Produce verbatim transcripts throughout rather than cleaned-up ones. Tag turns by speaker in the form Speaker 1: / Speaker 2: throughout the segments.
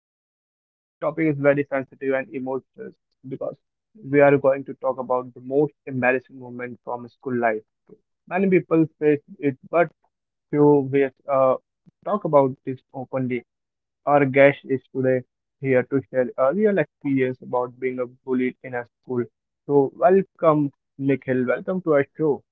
Speaker 1: show. Today's topic is very sensitive and emotional because we are going to talk about the most embarrassing moment from school life. Many people face it, but few we uh, talk about this openly. Our guest is today here to share a real experience about being a bullied in a school. So welcome, Nikhil. Welcome to our show.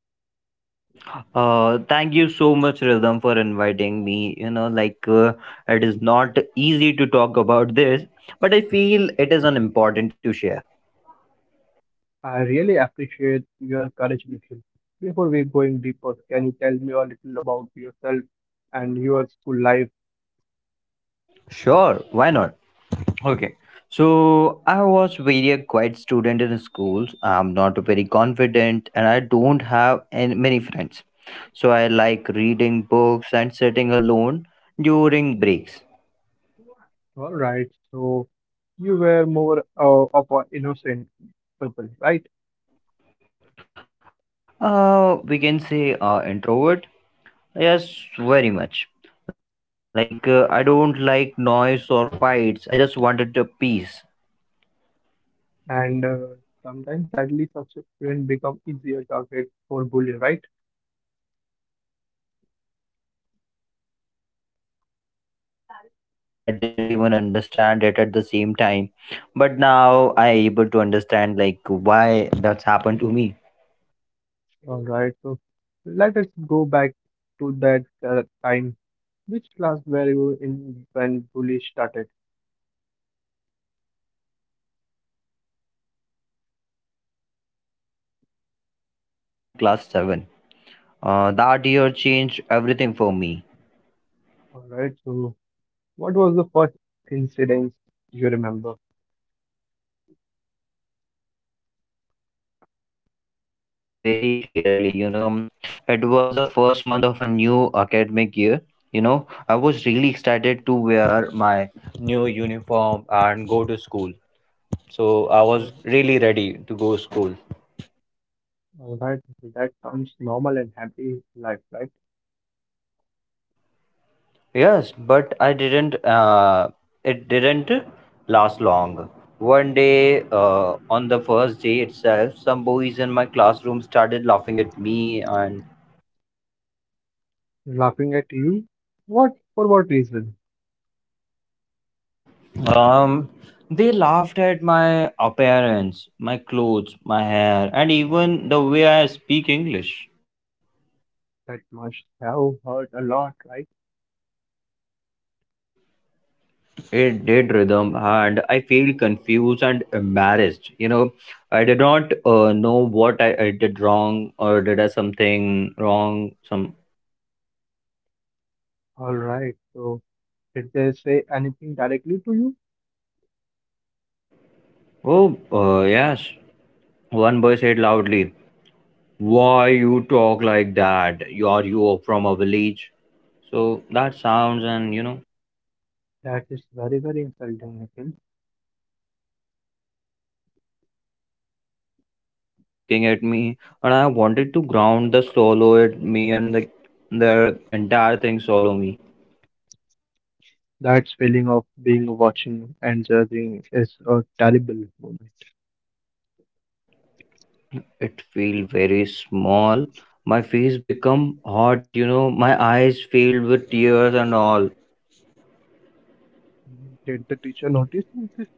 Speaker 2: Uh, thank you so much, Rhythm, for inviting me. You know, like uh, it is not easy to talk about this, but I feel it is an important to share.
Speaker 1: I really appreciate your courage, Nikhil. Before we going deeper, can you tell me a little about yourself and your school life?
Speaker 2: Sure, why not? Okay. So I was very a quiet student in schools. I'm not very confident, and I don't have any, many friends. So I like reading books and sitting alone during breaks.
Speaker 1: All right, so you were more uh, of an innocent people, right?
Speaker 2: Uh, we can say uh, introvert. Yes, very much. Like, uh, I don't like noise or fights. I just wanted a peace.
Speaker 1: And uh, sometimes, sadly, such students become easier target for bullying, right?
Speaker 2: Yeah, that's really true. And you know, I didn't even understand it at the same time. But now I able to understand like why that's happened to me.
Speaker 1: All right, so let us go back to that uh, time. Which class were you in when bullying started?
Speaker 2: Uh, I was sta- uh, it was started when I was in class seven. Uh, that year changed everything for me.
Speaker 1: All right, so what was the first incident you remember?
Speaker 2: I remember it very clearly. You know, it was the first month of a new academic year. You know, I was really excited to wear my new uniform and go to school. So I was
Speaker 1: All right.
Speaker 2: really ready to go school.
Speaker 1: all right, that sounds normal and happy life, right?
Speaker 2: Yes, but I didn't. Uh, it didn't last long. One day, uh, on the first day itself, some boys in my classroom started laughing at me. And
Speaker 1: Laughing at you? What for what reason?
Speaker 2: Um, they laughed at my appearance, my clothes, my hair, and even the way I speak English.
Speaker 1: That must have hurt a lot, right?
Speaker 2: It did, rhythm, and I feel confused and embarrassed. You know, I did not uh, know what I, I did wrong or did I something wrong. Some
Speaker 1: All right, so did they say anything directly to you?
Speaker 2: oh uh, yes, one boy said loudly, "Why you talk like that? You are you from a village?" So that sounds, and you know.
Speaker 1: That is very, very insulting, I think.
Speaker 2: Yeah, and everyone laughed, and the whole class was looking at me, and I wanted to ground the solo at me and the the entire thing solo me.
Speaker 1: That feeling of being watching and judging is a terrible moment.
Speaker 2: It felt very small. My face become hot, you know. My eyes filled with tears and all.
Speaker 1: Did the teacher notice this?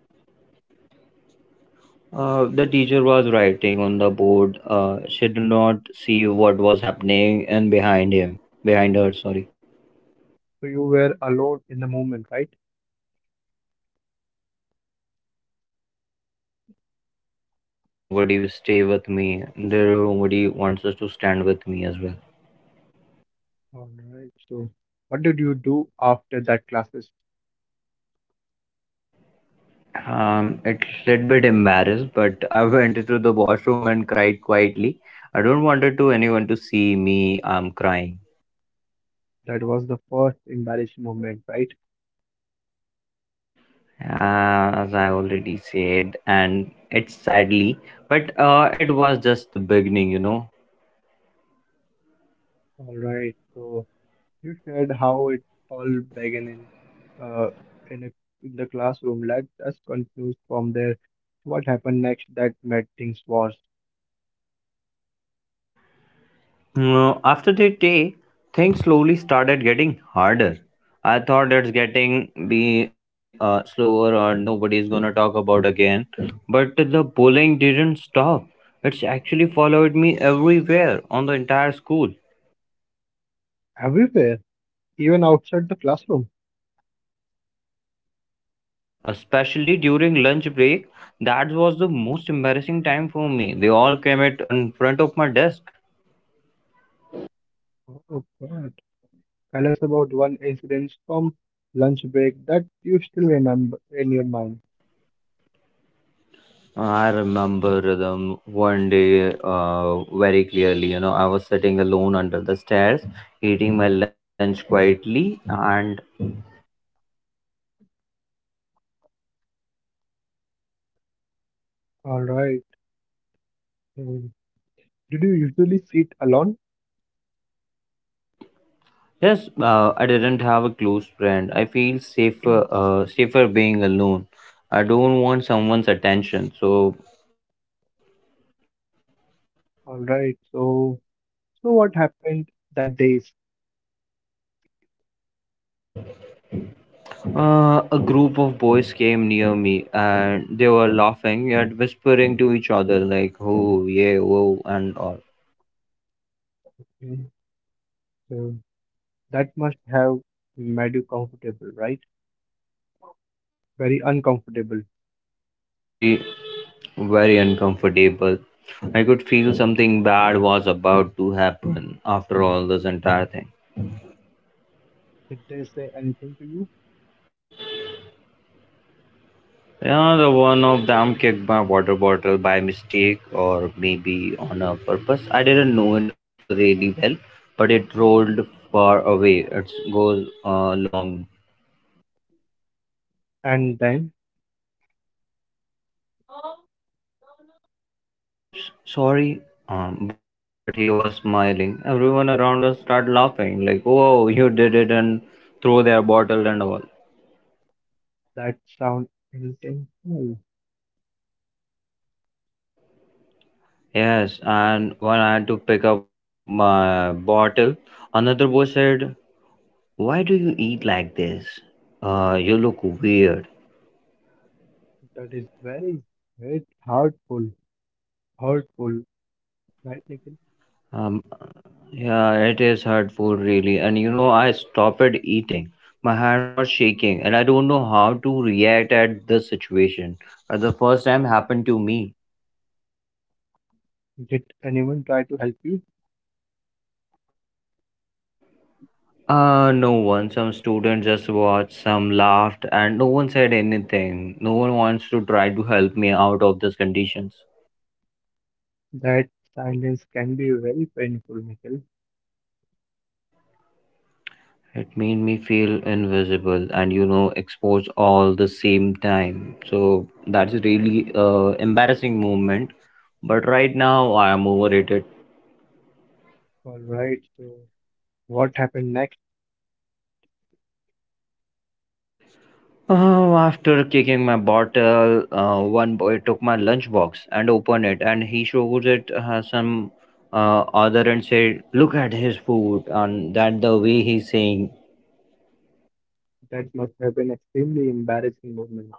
Speaker 2: Uh, the teacher was writing on the board. Uh, she did not see what was happening and behind him, behind her. Sorry.
Speaker 1: So you were alone in the moment, right?
Speaker 2: Uh, I would say completely alone. There are nobody will stay with me. There are nobody wants us to stand with me as well.
Speaker 1: All right, so what did you do after that class?
Speaker 2: Um, it's a little bit embarrassed, but I went into the washroom and cried quietly. I don't wanted to anyone to see me. I'm crying,
Speaker 1: That was the first embarrassed moment, right?
Speaker 2: uh, as I already said, and it's sadly, but uh, it was just the beginning, you know.
Speaker 1: All right. So you shared how it all began in uh, in, a, in the classroom. Let's just continue from there. What happened next that made things worse?
Speaker 2: Uh, after that day, things slowly started getting harder. I thought it's getting be uh, slower or nobody's gonna talk about again. But the bullying didn't stop. It's actually followed me everywhere on the entire school.
Speaker 1: Everywhere, even outside the classroom.
Speaker 2: Yes, especially during lunch break. That was the most embarrassing time for me. They all came at in front of my desk.
Speaker 1: Oh God! Tell us about one incident from lunch break that you still remember in your mind.
Speaker 2: I remember them one day uh, very clearly. You know, I was sitting alone under the stairs, eating my lunch quietly, and
Speaker 1: All right. So, did you usually sit alone?
Speaker 2: yes, uh, I didn't have a close friend. I feel safer,
Speaker 1: Yes.
Speaker 2: uh, safer being alone. I don't want someone's attention. So,
Speaker 1: All right. So, so what happened that day?
Speaker 2: uh, a group of boys came near me, and they were laughing yet whispering to each other like, "Oh yeah, whoa," and all.
Speaker 1: Mhm. So that must have made you comfortable, right? Very uncomfortable.
Speaker 2: Very very uncomfortable. I could feel something bad was about to happen after all this entire thing.
Speaker 1: Did they say anything to you?
Speaker 2: Yeah, the one of them kicked my water bottle by mistake or maybe on a purpose. I didn't know it really well, but it rolled far away. It goes uh, long.
Speaker 1: And then
Speaker 2: Um, he said, "Oops, sorry," um, but he was smiling. Everyone around us started laughing, like, "Whoa, you did it!" and throw their bottle and all.
Speaker 1: that sound intentional.
Speaker 2: Yes, and when I had to pick up my bottle, another boy said, "Why do you eat like this? Uh, you look weird."
Speaker 1: That is very, very hurtful. Hurtful, right, Nikhil?
Speaker 2: Um, yeah, it is hurtful, really. And you know, I stopped eating. My hand was shaking, and I don't know how to react at this situation. Uh, the first time happened to me.
Speaker 1: Did anyone try to help you?
Speaker 2: Uh, no one. Some students just watched, some laughed, and no one said anything. No one wants to try to help me out of these conditions.
Speaker 1: That silence can be very painful, Nikhil.
Speaker 2: It made me feel invisible and you know exposed all the same time. So that's a really uh, embarrassing moment. But right now I am over it.
Speaker 1: All right. So what happened next?
Speaker 2: Oh, after kicking my bottle, uh, one boy took my lunchbox and opened it, and he showed it uh, some uh, other and said, "Look at his food," and that the way he's saying.
Speaker 1: That must have been extremely embarrassing moment.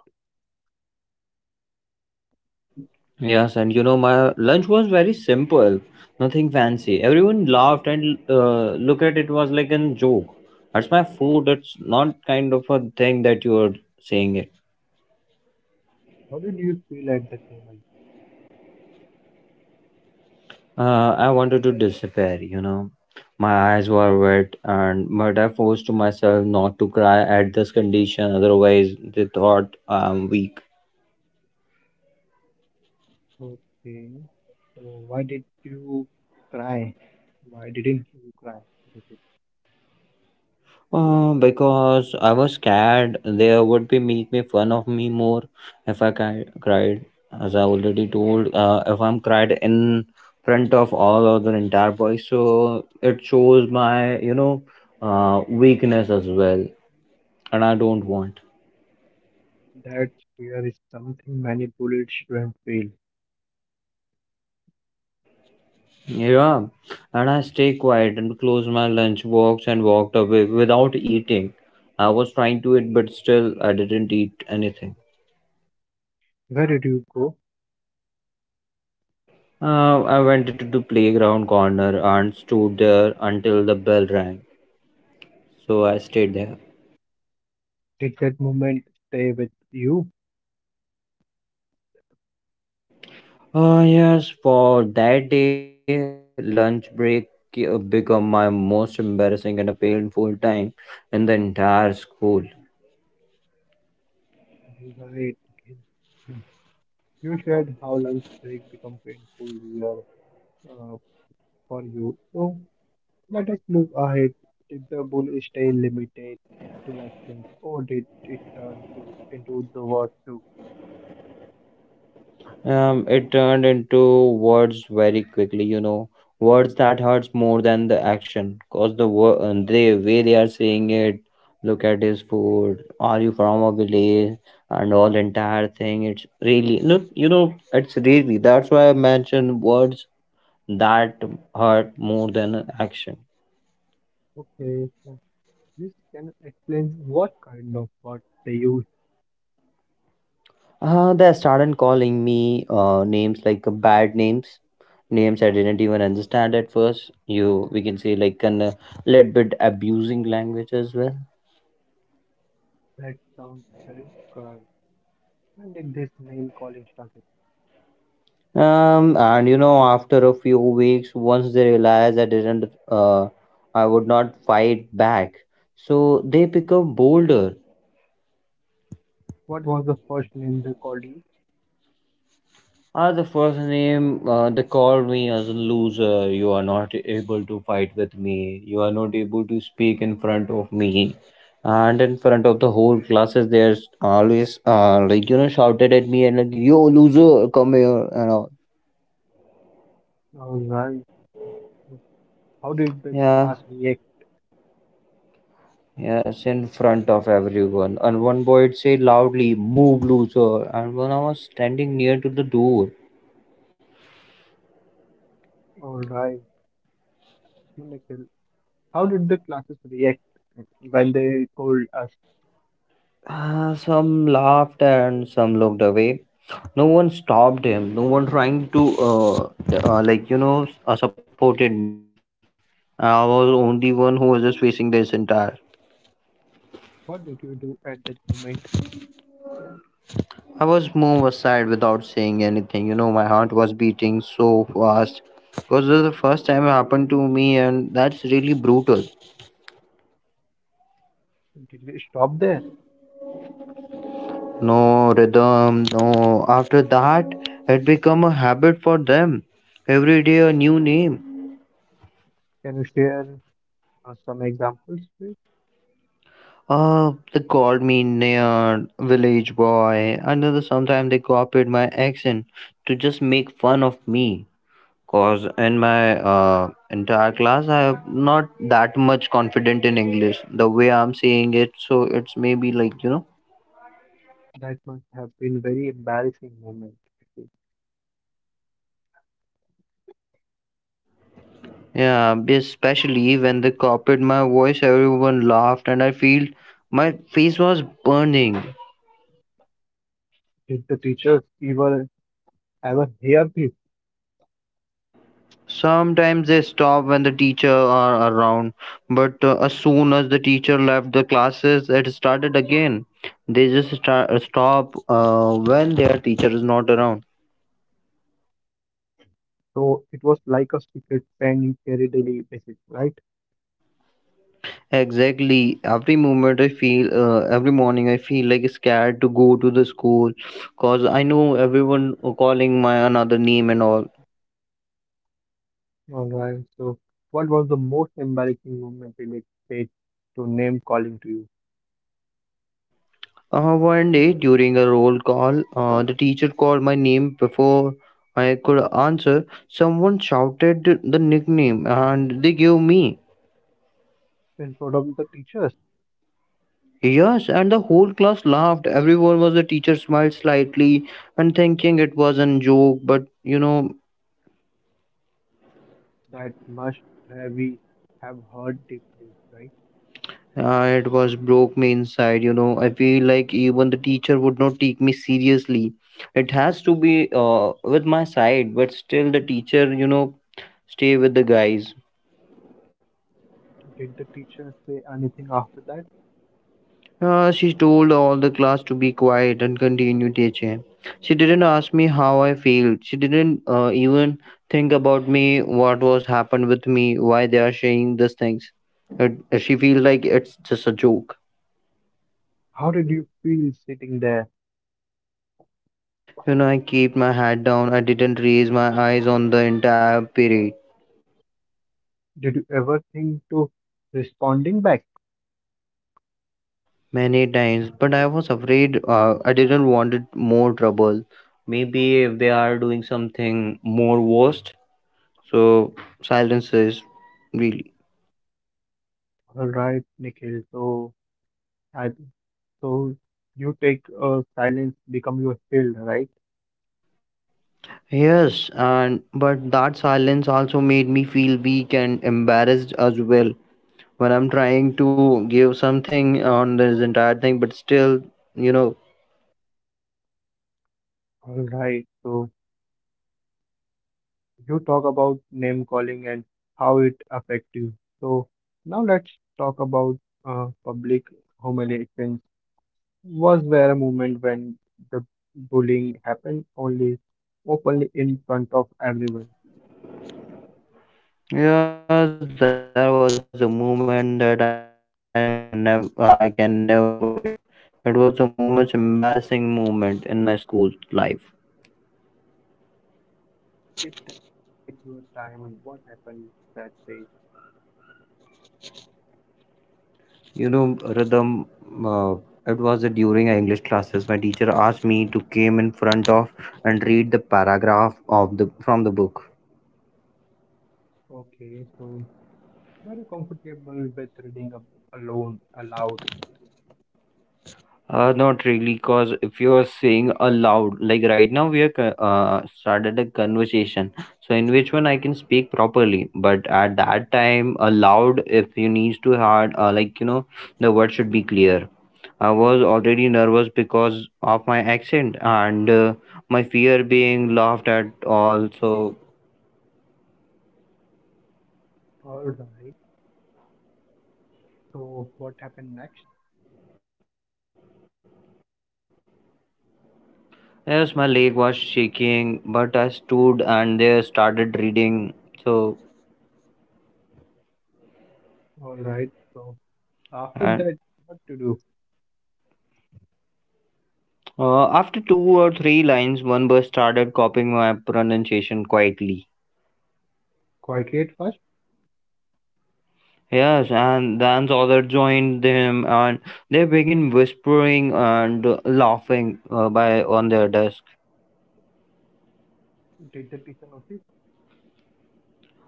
Speaker 2: Yes, and you know, my lunch was very simple, nothing fancy. Everyone laughed and uh, look at it was like a joke. That's my food. That's not kind of a thing that you are saying it.
Speaker 1: How did you feel at that moment?
Speaker 2: Uh, I wanted to disappear, you know. My eyes were wet, and but I forced to myself not to cry at this condition. Otherwise, they thought I'm weak.
Speaker 1: Okay. So why did you cry? Why didn't you cry? Because
Speaker 2: Uh, because I was scared they would be make me fun of me more if I cri- cried. As I already told, uh, if I'm cried in front of all other entire boys, so it shows my you know uh, weakness as well, and I don't want.
Speaker 1: that fear is something many bullied students feel.
Speaker 2: Yeah, and I stay quiet and close my lunch box and walked away without eating. I was trying to eat, but still I didn't eat anything.
Speaker 1: Where did you go?
Speaker 2: Uh, I went into the playground corner and stood there until the bell rang. So I stayed there.
Speaker 1: Did that moment stay with you?
Speaker 2: Oh, yes, for that day, lunch break ca- become my most embarrassing and a painful time in the entire school.
Speaker 1: Right. You shared how lunch break become painful year, uh, for you. So let us move ahead. Did the bully stay limited to actions, or did it turn to into the word too?
Speaker 2: Um, it turned into words very quickly, you know, words that hurts more than the action, cause the wo- uh, the way they are saying it. Look at his food. Are you from a village? And all entire thing. It's really look, you know, it's really that's why I mentioned words that hurt more than action.
Speaker 1: Okay. This can explain what kind of word they used.
Speaker 2: Uh, they started calling me uh, names like uh, bad names, names I didn't even understand at first. You, we can say like an a little bit abusing language as well.
Speaker 1: That sounds very correct. When did this name calling started?
Speaker 2: Um, and you know, after a few weeks, once they realized I didn't, uh, I would not fight back, so they become bolder.
Speaker 1: What was the first name they called you?
Speaker 2: Uh, the first name, uh, they called me as a loser. You are not able to fight with me. You are not able to speak in front of me. And in front of the whole classes, they're always uh, like, you know, shouted at me and like, yo, loser, come here. And all.
Speaker 1: Alright. How did the
Speaker 2: Yeah,
Speaker 1: class react?
Speaker 2: yes, in front of everyone. And one boy would say loudly, move, loser. And when I was standing near to the door,
Speaker 1: Alright. How did the classes react when they told us?
Speaker 2: ah, some laughed and some looked away. No one stopped him. No one trying to, uh, uh, like, you know, s- uh, supported me. I was only one who was just facing this entire.
Speaker 1: What did you do at that moment?
Speaker 2: I was moved aside without saying anything. You know, my heart was beating so fast. Because this is the first time it happened to me, and that's really brutal.
Speaker 1: Did you stop there?
Speaker 2: No rhythm, no. After that, it become a habit for them. Every day a new name.
Speaker 1: Can you share uh, some examples, please?
Speaker 2: Uh, they called me nerd, village boy. Another sometimes they copied my accent to just make fun of me. Cause in my uh, entire class, I'm not that much confident in English. The way I'm saying it, so it's maybe like you know,
Speaker 1: That must have been very embarrassing moment.
Speaker 2: yeah. Especially when they copied my voice, everyone laughed, and I feel my face was burning.
Speaker 1: Did the teachers ever ever hear this?
Speaker 2: Sometimes they stopped when the teacher are around, but uh, as soon as the teacher left the classes, it started again. They just start, stop uh, when their teacher is not around.
Speaker 1: So it was like a secret pen you carry daily basis, right?
Speaker 2: Exactly. Every moment I feel, uh, every morning I feel like scared to go to the school, cause I know everyone calling my another name and all.
Speaker 1: All right. So what was the most embarrassing moment related to name calling to you
Speaker 2: Uh, one day during a roll call, uh, the teacher called my name before I could answer. Someone shouted the nickname and they gave me.
Speaker 1: in front of the teachers?
Speaker 2: Yes, and the whole class laughed. Everyone was the teacher smiled slightly and thinking it was a joke, but you know,
Speaker 1: That must have we have heard deeply, right?
Speaker 2: uh, it was broke me inside. You know, I feel like even the teacher would not take me seriously. It has to be uh, with my side, but still the teacher, you know, stay with the guys.
Speaker 1: Did the teacher say anything after that?
Speaker 2: Uh, she told all the class to be quiet and continue teaching. She didn't ask me how I felt. She didn't uh, even think about me, what was happened with me, why they are saying these things. It, she feels like it's just a joke.
Speaker 1: How did you feel sitting there?
Speaker 2: You know, I kept my head down. I didn't raise my eyes on the entire period
Speaker 1: Did you ever think to responding back?
Speaker 2: many times, but I was afraid. Uh, I didn't wanted more trouble. Maybe if they are doing something more worst. So silence is really.
Speaker 1: All right, Nikhil. So I so you take uh, silence become your shield, right?
Speaker 2: Yes, and but that silence also made me feel weak and embarrassed as well when I'm trying to give something on this entire thing, but still, you know,
Speaker 1: All right. So you talk about name calling and how it affects you. So now let's talk about uh, public humiliation. Was there a moment when the bullying happened only openly in front of everyone?
Speaker 2: yes, there was a moment that I never, I can never forget. It was the most embarrassing moment in my school life.
Speaker 1: Please take your time and what happened that day.
Speaker 2: You know, Rhythm, uh, it was during English classes. My teacher asked me to came in front of and read the paragraph of the from the book.
Speaker 1: Okay, so very comfortable with reading up alone aloud.
Speaker 2: Uh, not really, because if you are saying aloud, like right now we are co- uh, started a conversation, so in which one I can speak properly. But at that time, aloud, if you need to hard, uh, like you know, the word should be clear. I was already nervous because of my accent and uh, my fear being laughed at. Also,
Speaker 1: All right. So what happened next?
Speaker 2: yes, my leg was shaking, but I stood and there started reading. So.
Speaker 1: All right. So after
Speaker 2: And.
Speaker 1: that, what to do?
Speaker 2: Uh, after two or three lines, one bus started copying my pronunciation quietly.
Speaker 1: Quietly at first,
Speaker 2: Yes, and then the other joined them, and they began whispering and laughing uh, by on their desk.
Speaker 1: take the teacher noticed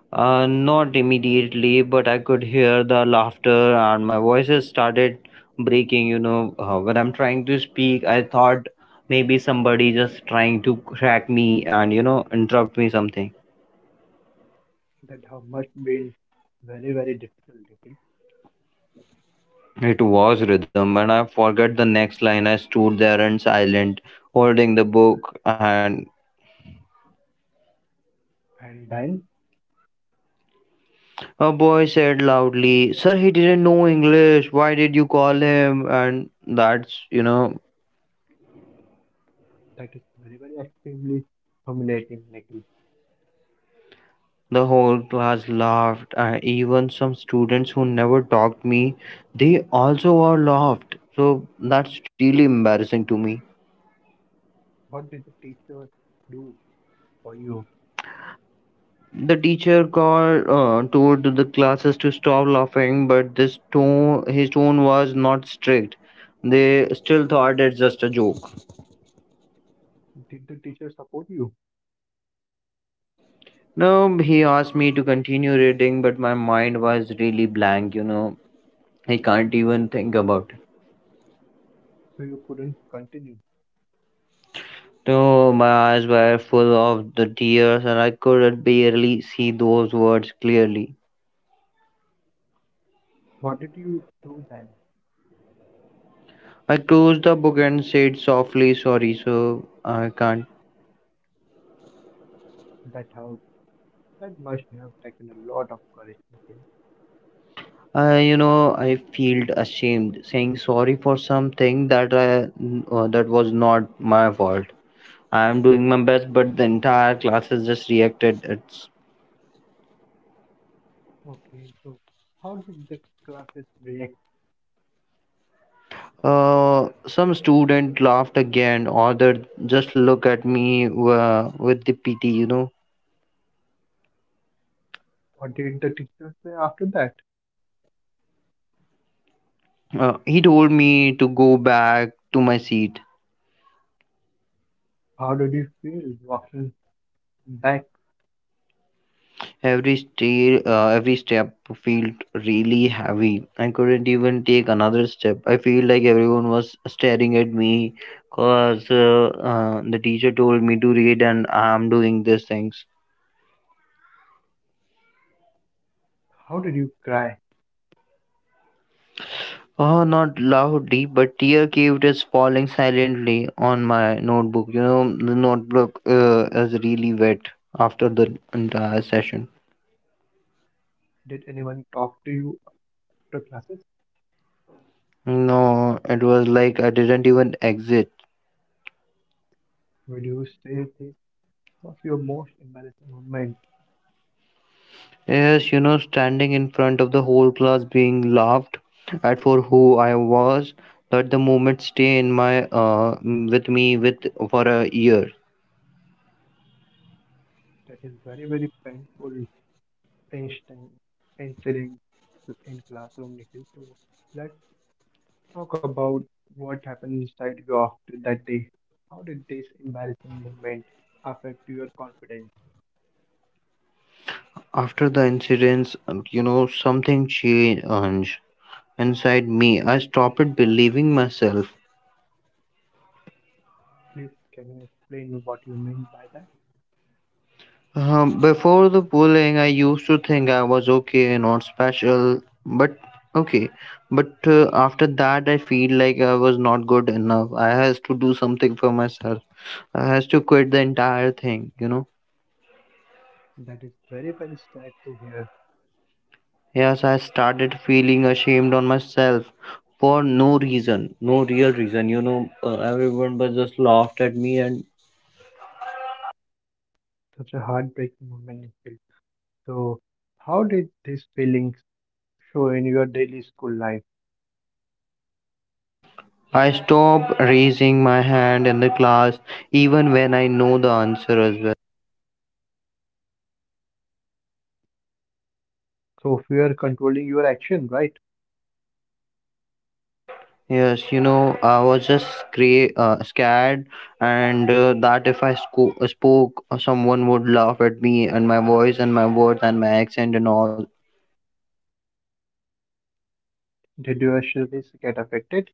Speaker 2: Uh, not immediately, but I could hear the laughter, and my voices started breaking. You know, uh, when I'm trying to speak, I thought maybe somebody just trying to crack me and you know interrupt me something.
Speaker 1: that her must been very, very difficult, Nikhil.
Speaker 2: It was rhythm, and I forget the next line. I stood there and silent, holding the book, and
Speaker 1: And then
Speaker 2: a boy said loudly, "Sir, he didn't know English. Why did you call him?" And that's, you know,
Speaker 1: that is very, very extremely humiliating, Nikhil.
Speaker 2: The whole class laughed. Uh, even some students who never talked me, they also all laughed. So that's really embarrassing to me.
Speaker 1: What did the teacher do for you?
Speaker 2: The teacher called uh, told the classes to stop laughing, but this tone, his tone was not strict. They still thought it's just a joke.
Speaker 1: Did the teacher support you
Speaker 2: No, he asked me to continue reading, but my mind was really blank. You know, I can't even think about it.
Speaker 1: so you couldn't continue?
Speaker 2: So my eyes were full of the tears, and I could barely see those words clearly.
Speaker 1: What did you do then?
Speaker 2: I closed the book and said softly, "Sorry, so I can't."
Speaker 1: That how that must have taken a lot of courage, Nikhil.
Speaker 2: I, you know, I felt ashamed saying sorry for something that I, uh, that was not my fault. I am doing my best, but the entire class has just reacted. It's
Speaker 1: Okay, so how did the classes react?
Speaker 2: uh, Some student laughed again, other just look at me uh, with the pity. You know,
Speaker 1: What did the teacher say after that?
Speaker 2: uh, he told me to go back to my seat.
Speaker 1: How did you feel walking back?
Speaker 2: Every stair, uh, every step felt really heavy. I couldn't even take another step. I feel like everyone was staring at me because uh, uh, the teacher told me to read and I'm doing these things.
Speaker 1: How did you cry?
Speaker 2: Oh, not loudly, but tear caved is falling silently on my notebook. You know, the notebook uh, is really wet after the entire session.
Speaker 1: Did anyone talk to you after classes?
Speaker 2: No, it was like I didn't even exit.
Speaker 1: Would you say this was your most embarrassing moment?
Speaker 2: Yes, you know, standing in front of the whole class being laughed at for who I was, let the moment stay in my uh m- with me with for a year.
Speaker 1: That is very, very painful, tense time- incident in classroom, Nikhil. So let's talk about what happened inside you after that day. How did this embarrassing moment affect your confidence?
Speaker 2: After the incidents, um, you know, something changed inside me. I stopped believing myself.
Speaker 1: Please, can you explain what you mean by that?
Speaker 2: Um, before the bullying, I used to think I was okay, not special, but okay. But uh, after that, I feel like I was not good enough. I has to do something for myself. I has to quit the entire thing, you know.
Speaker 1: That is very, very sad to hear.
Speaker 2: Yes, I started feeling ashamed on myself for no reason, no real reason. You know, uh, everyone was just laughed at me, and
Speaker 1: Such a heartbreaking moment, Nikhil. So, how did this feeling so in your daily school life,
Speaker 2: I stopped raising my hand in the class even when I know the answer as well.
Speaker 1: so fear controlling your action, right?
Speaker 2: Yes, you know, I was just scra- uh, scared, and uh, that if I sco- spoke, uh, someone would laugh at me and my voice and my words and my accent and all.
Speaker 1: Did your studies get affected?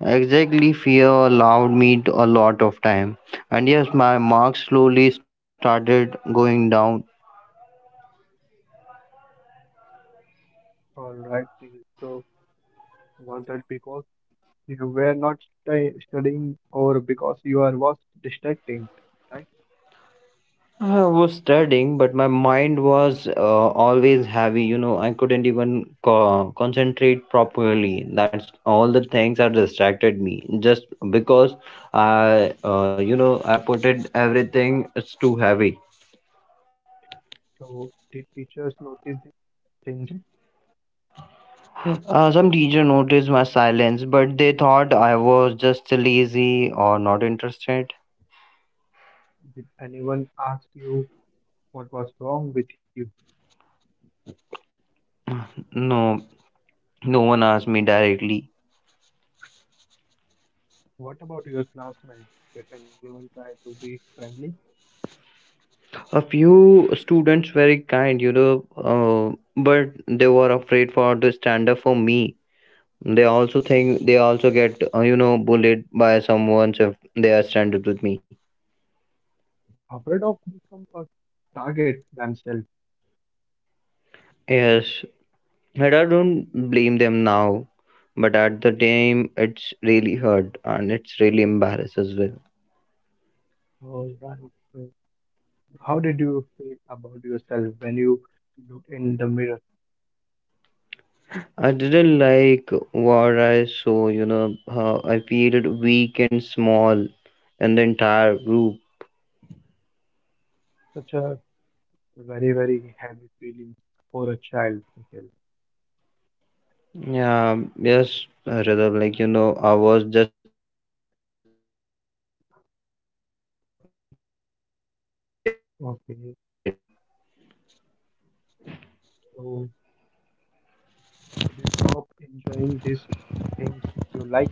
Speaker 2: Exactly, fear allowed me to a lot of time. And yes, my marks slowly started going down.
Speaker 1: All right. So was that because you were not stu- studying or because you are was distracting, right?
Speaker 2: I was studying, but my mind was uh, always heavy. You know, I couldn't even co- concentrate properly. That's all the things that distracted me. Just because I, uh, you know, I put it everything. It's too heavy.
Speaker 1: So did teachers notice this change?
Speaker 2: Uh, some teacher noticed my silence, but they thought I was just lazy or not interested.
Speaker 1: Did anyone ask you what was wrong with you?
Speaker 2: No, no one asked me directly.
Speaker 1: What about your classmates? Did anyone try to be friendly?
Speaker 2: A few students very kind, you know, uh, but they were afraid for to stand up for me. They also think they also get uh, you know bullied by someone if they are stand up with me.
Speaker 1: Afraid of become a target themselves?
Speaker 2: Yes, and I don't blame them now, but at the time it's really hurt and it's really embarrassed as well.
Speaker 1: All right. How did you feel about yourself when you looked in the mirror?
Speaker 2: I didn't like what I saw, you know, how I feel weak and small in the entire group.
Speaker 1: Such a very, very heavy feeling for a child. Nikhil.
Speaker 2: Yeah, yes, rhythm. Like you know, I was just a kid, but uh, I feel like I was crying is a big burden for me.
Speaker 1: Okay, so did you stop enjoying these things you liked?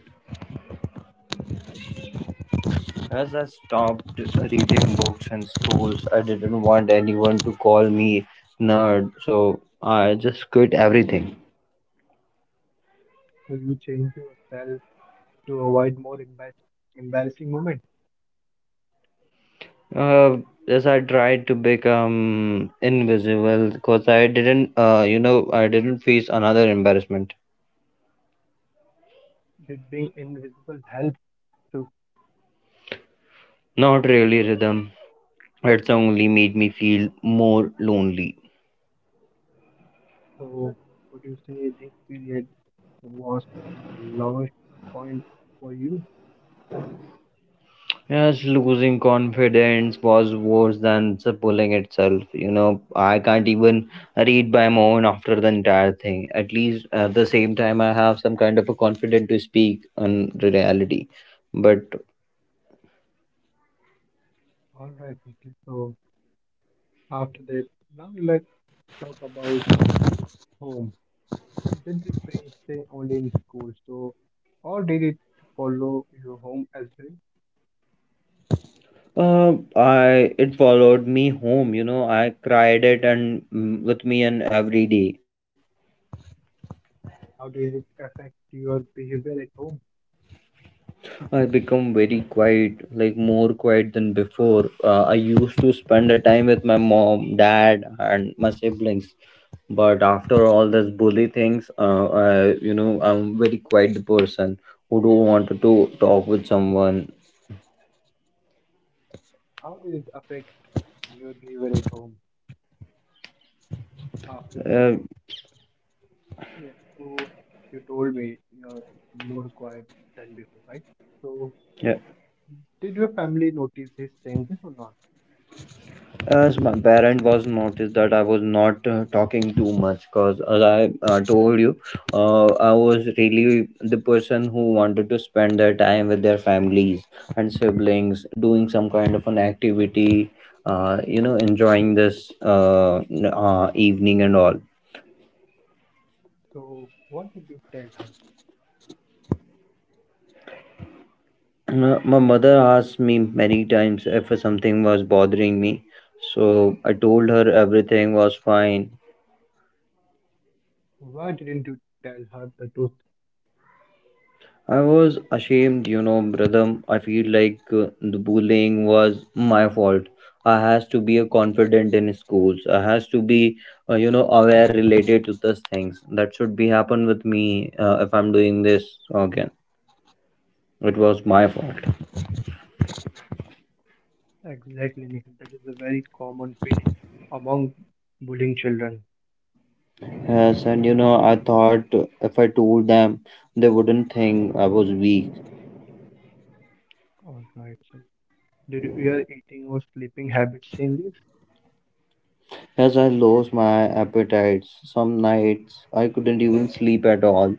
Speaker 2: As I stopped reading books in schools, I didn't want anyone to call me nerd, so I just quit everything.
Speaker 1: So you changed yourself to avoid more embar embarrassing moments?
Speaker 2: Uh, as I tried to become invisible, because I didn't, uh, you know, I didn't face another embarrassment.
Speaker 1: Did being invisible help too?
Speaker 2: Not really, Rhythm. It's only made me feel more lonely.
Speaker 1: So would you say this period was the lowest point for you?
Speaker 2: Yes, losing confidence was worse than the pulling itself. You know, I can't even read by my own after the entire thing. At least at the same time, I have some kind of a confidence to speak on the reality. But
Speaker 1: All right, Nikhil. So after this, now let's talk about home? Did the pain stay only in school? So, or did it follow your home as well?
Speaker 2: uh, I it followed me home. You know, I cried it and mm, with me and every day.
Speaker 1: How did it affect your behavior at home?
Speaker 2: I become very quiet, like more quiet than before. Uh, I used to spend the time with my mom, dad, and my siblings. But after all this bully things, uh, I, you know, I'm very quiet person who don't want to talk with someone.
Speaker 1: How did it affect your behavior at home after that?
Speaker 2: Uh,
Speaker 1: Yeah, so you told me you're more quiet than before, right? So,
Speaker 2: yeah.
Speaker 1: did your family notice these changes or not?
Speaker 2: As my parent was noticed that I was not uh, talking too much because as I uh, told you, uh, I was really the person who wanted to spend their time with their families and siblings, doing some kind of an activity, uh, you know, enjoying this uh, n- uh, evening and all.
Speaker 1: So, what did you tell her?
Speaker 2: Uh, My mother asked me many times if something was bothering me, so I told her everything was fine.
Speaker 1: Why didn't you tell her the truth?
Speaker 2: I was ashamed, you know, brother. I feel like uh, the bullying was my fault. I has to be a confident in schools. I has to be, uh, you know, aware related to those things that should be happen with me uh, if I'm doing this again. It was my fault.
Speaker 1: Exactly, Nikhil. That is a very common feeling among bullying children.
Speaker 2: Yes, and you know, I thought if I told them, they wouldn't think I was weak.
Speaker 1: All right. So, did you- your eating or sleeping habits changes?
Speaker 2: As I lost my appetites, some nights I couldn't even sleep at all.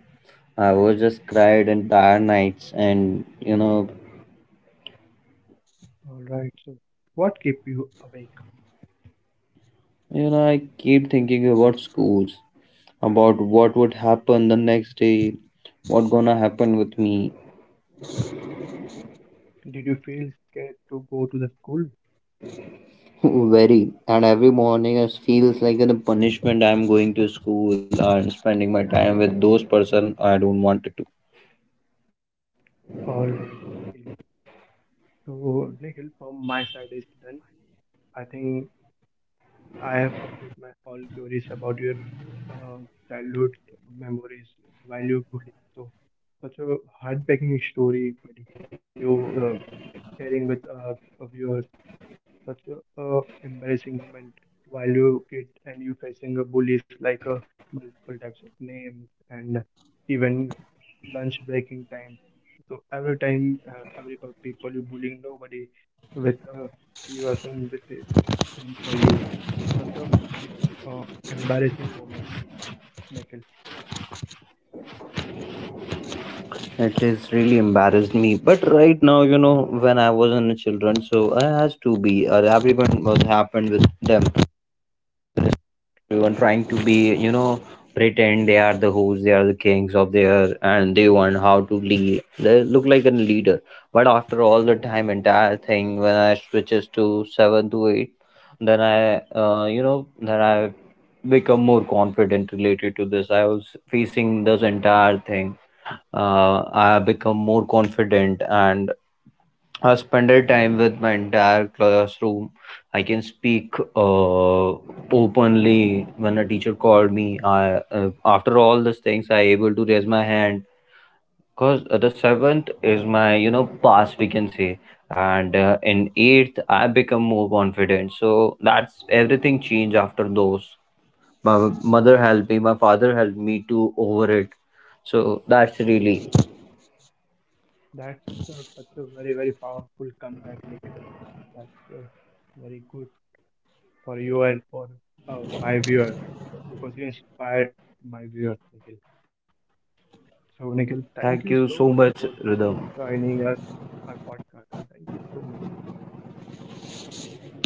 Speaker 2: I was just cried entire nights, and you know,
Speaker 1: All right. So, what kept you awake?
Speaker 2: you know, I keep thinking about schools, about what would happen the next day, what gonna happen with me.
Speaker 1: Did you feel scared to go to the school?
Speaker 2: Very, and every morning it feels like a punishment. I'm going to school and spending my time with those person I don't want it to.
Speaker 1: All right, Nikhil. So, Nikhil, from my side is done. I think I have completed my all queries about your uh, childhood memories while you were going. So, such a heartbreaking story, buddy. You uh, sharing with uh, of yours such a, a embarrassing moment while you kid and you facing a bullies like a multiple types of names and even lunch breaking time. So every time, uh, every pe- people you bullying nobody with uh, you are someone with a stand for you. So such a uh, embarrassing moment, Nikhil.
Speaker 2: It is really embarrassed me. But right now, you know, when I was in a children, so I has to be, or everyone was happened with them. Everyone trying to be, you know, pretend they are the hosts, they are the kings of their, and they want how to lead. They look like a leader, but after all the time, entire thing, when I switches to seven to eight, then I, uh, you know, then I become more confident related to this. I was facing this entire thing. Uh, I become more confident and I spended time with my entire classroom. I can speak uh, openly when a teacher called me. I, uh, after all these things, I able to raise my hand because uh, the seventh is my you know pass we can say, and uh, in eighth I become more confident. So that's everything changed after those. My mother helped me. My father helped me to over it. So that's really
Speaker 1: That's uh, such a very very powerful comeback, Nikhil. That's uh, very good for you and for uh, my viewers, because you inspired my viewers. Nikhil. So, Nikhil,
Speaker 2: thank you
Speaker 1: thank you
Speaker 2: so
Speaker 1: so
Speaker 2: much,
Speaker 1: much for
Speaker 2: Rhythm.
Speaker 1: joining us our podcast and thank you so much.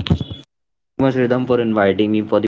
Speaker 2: Much, Ridham, for inviting me for the podcast.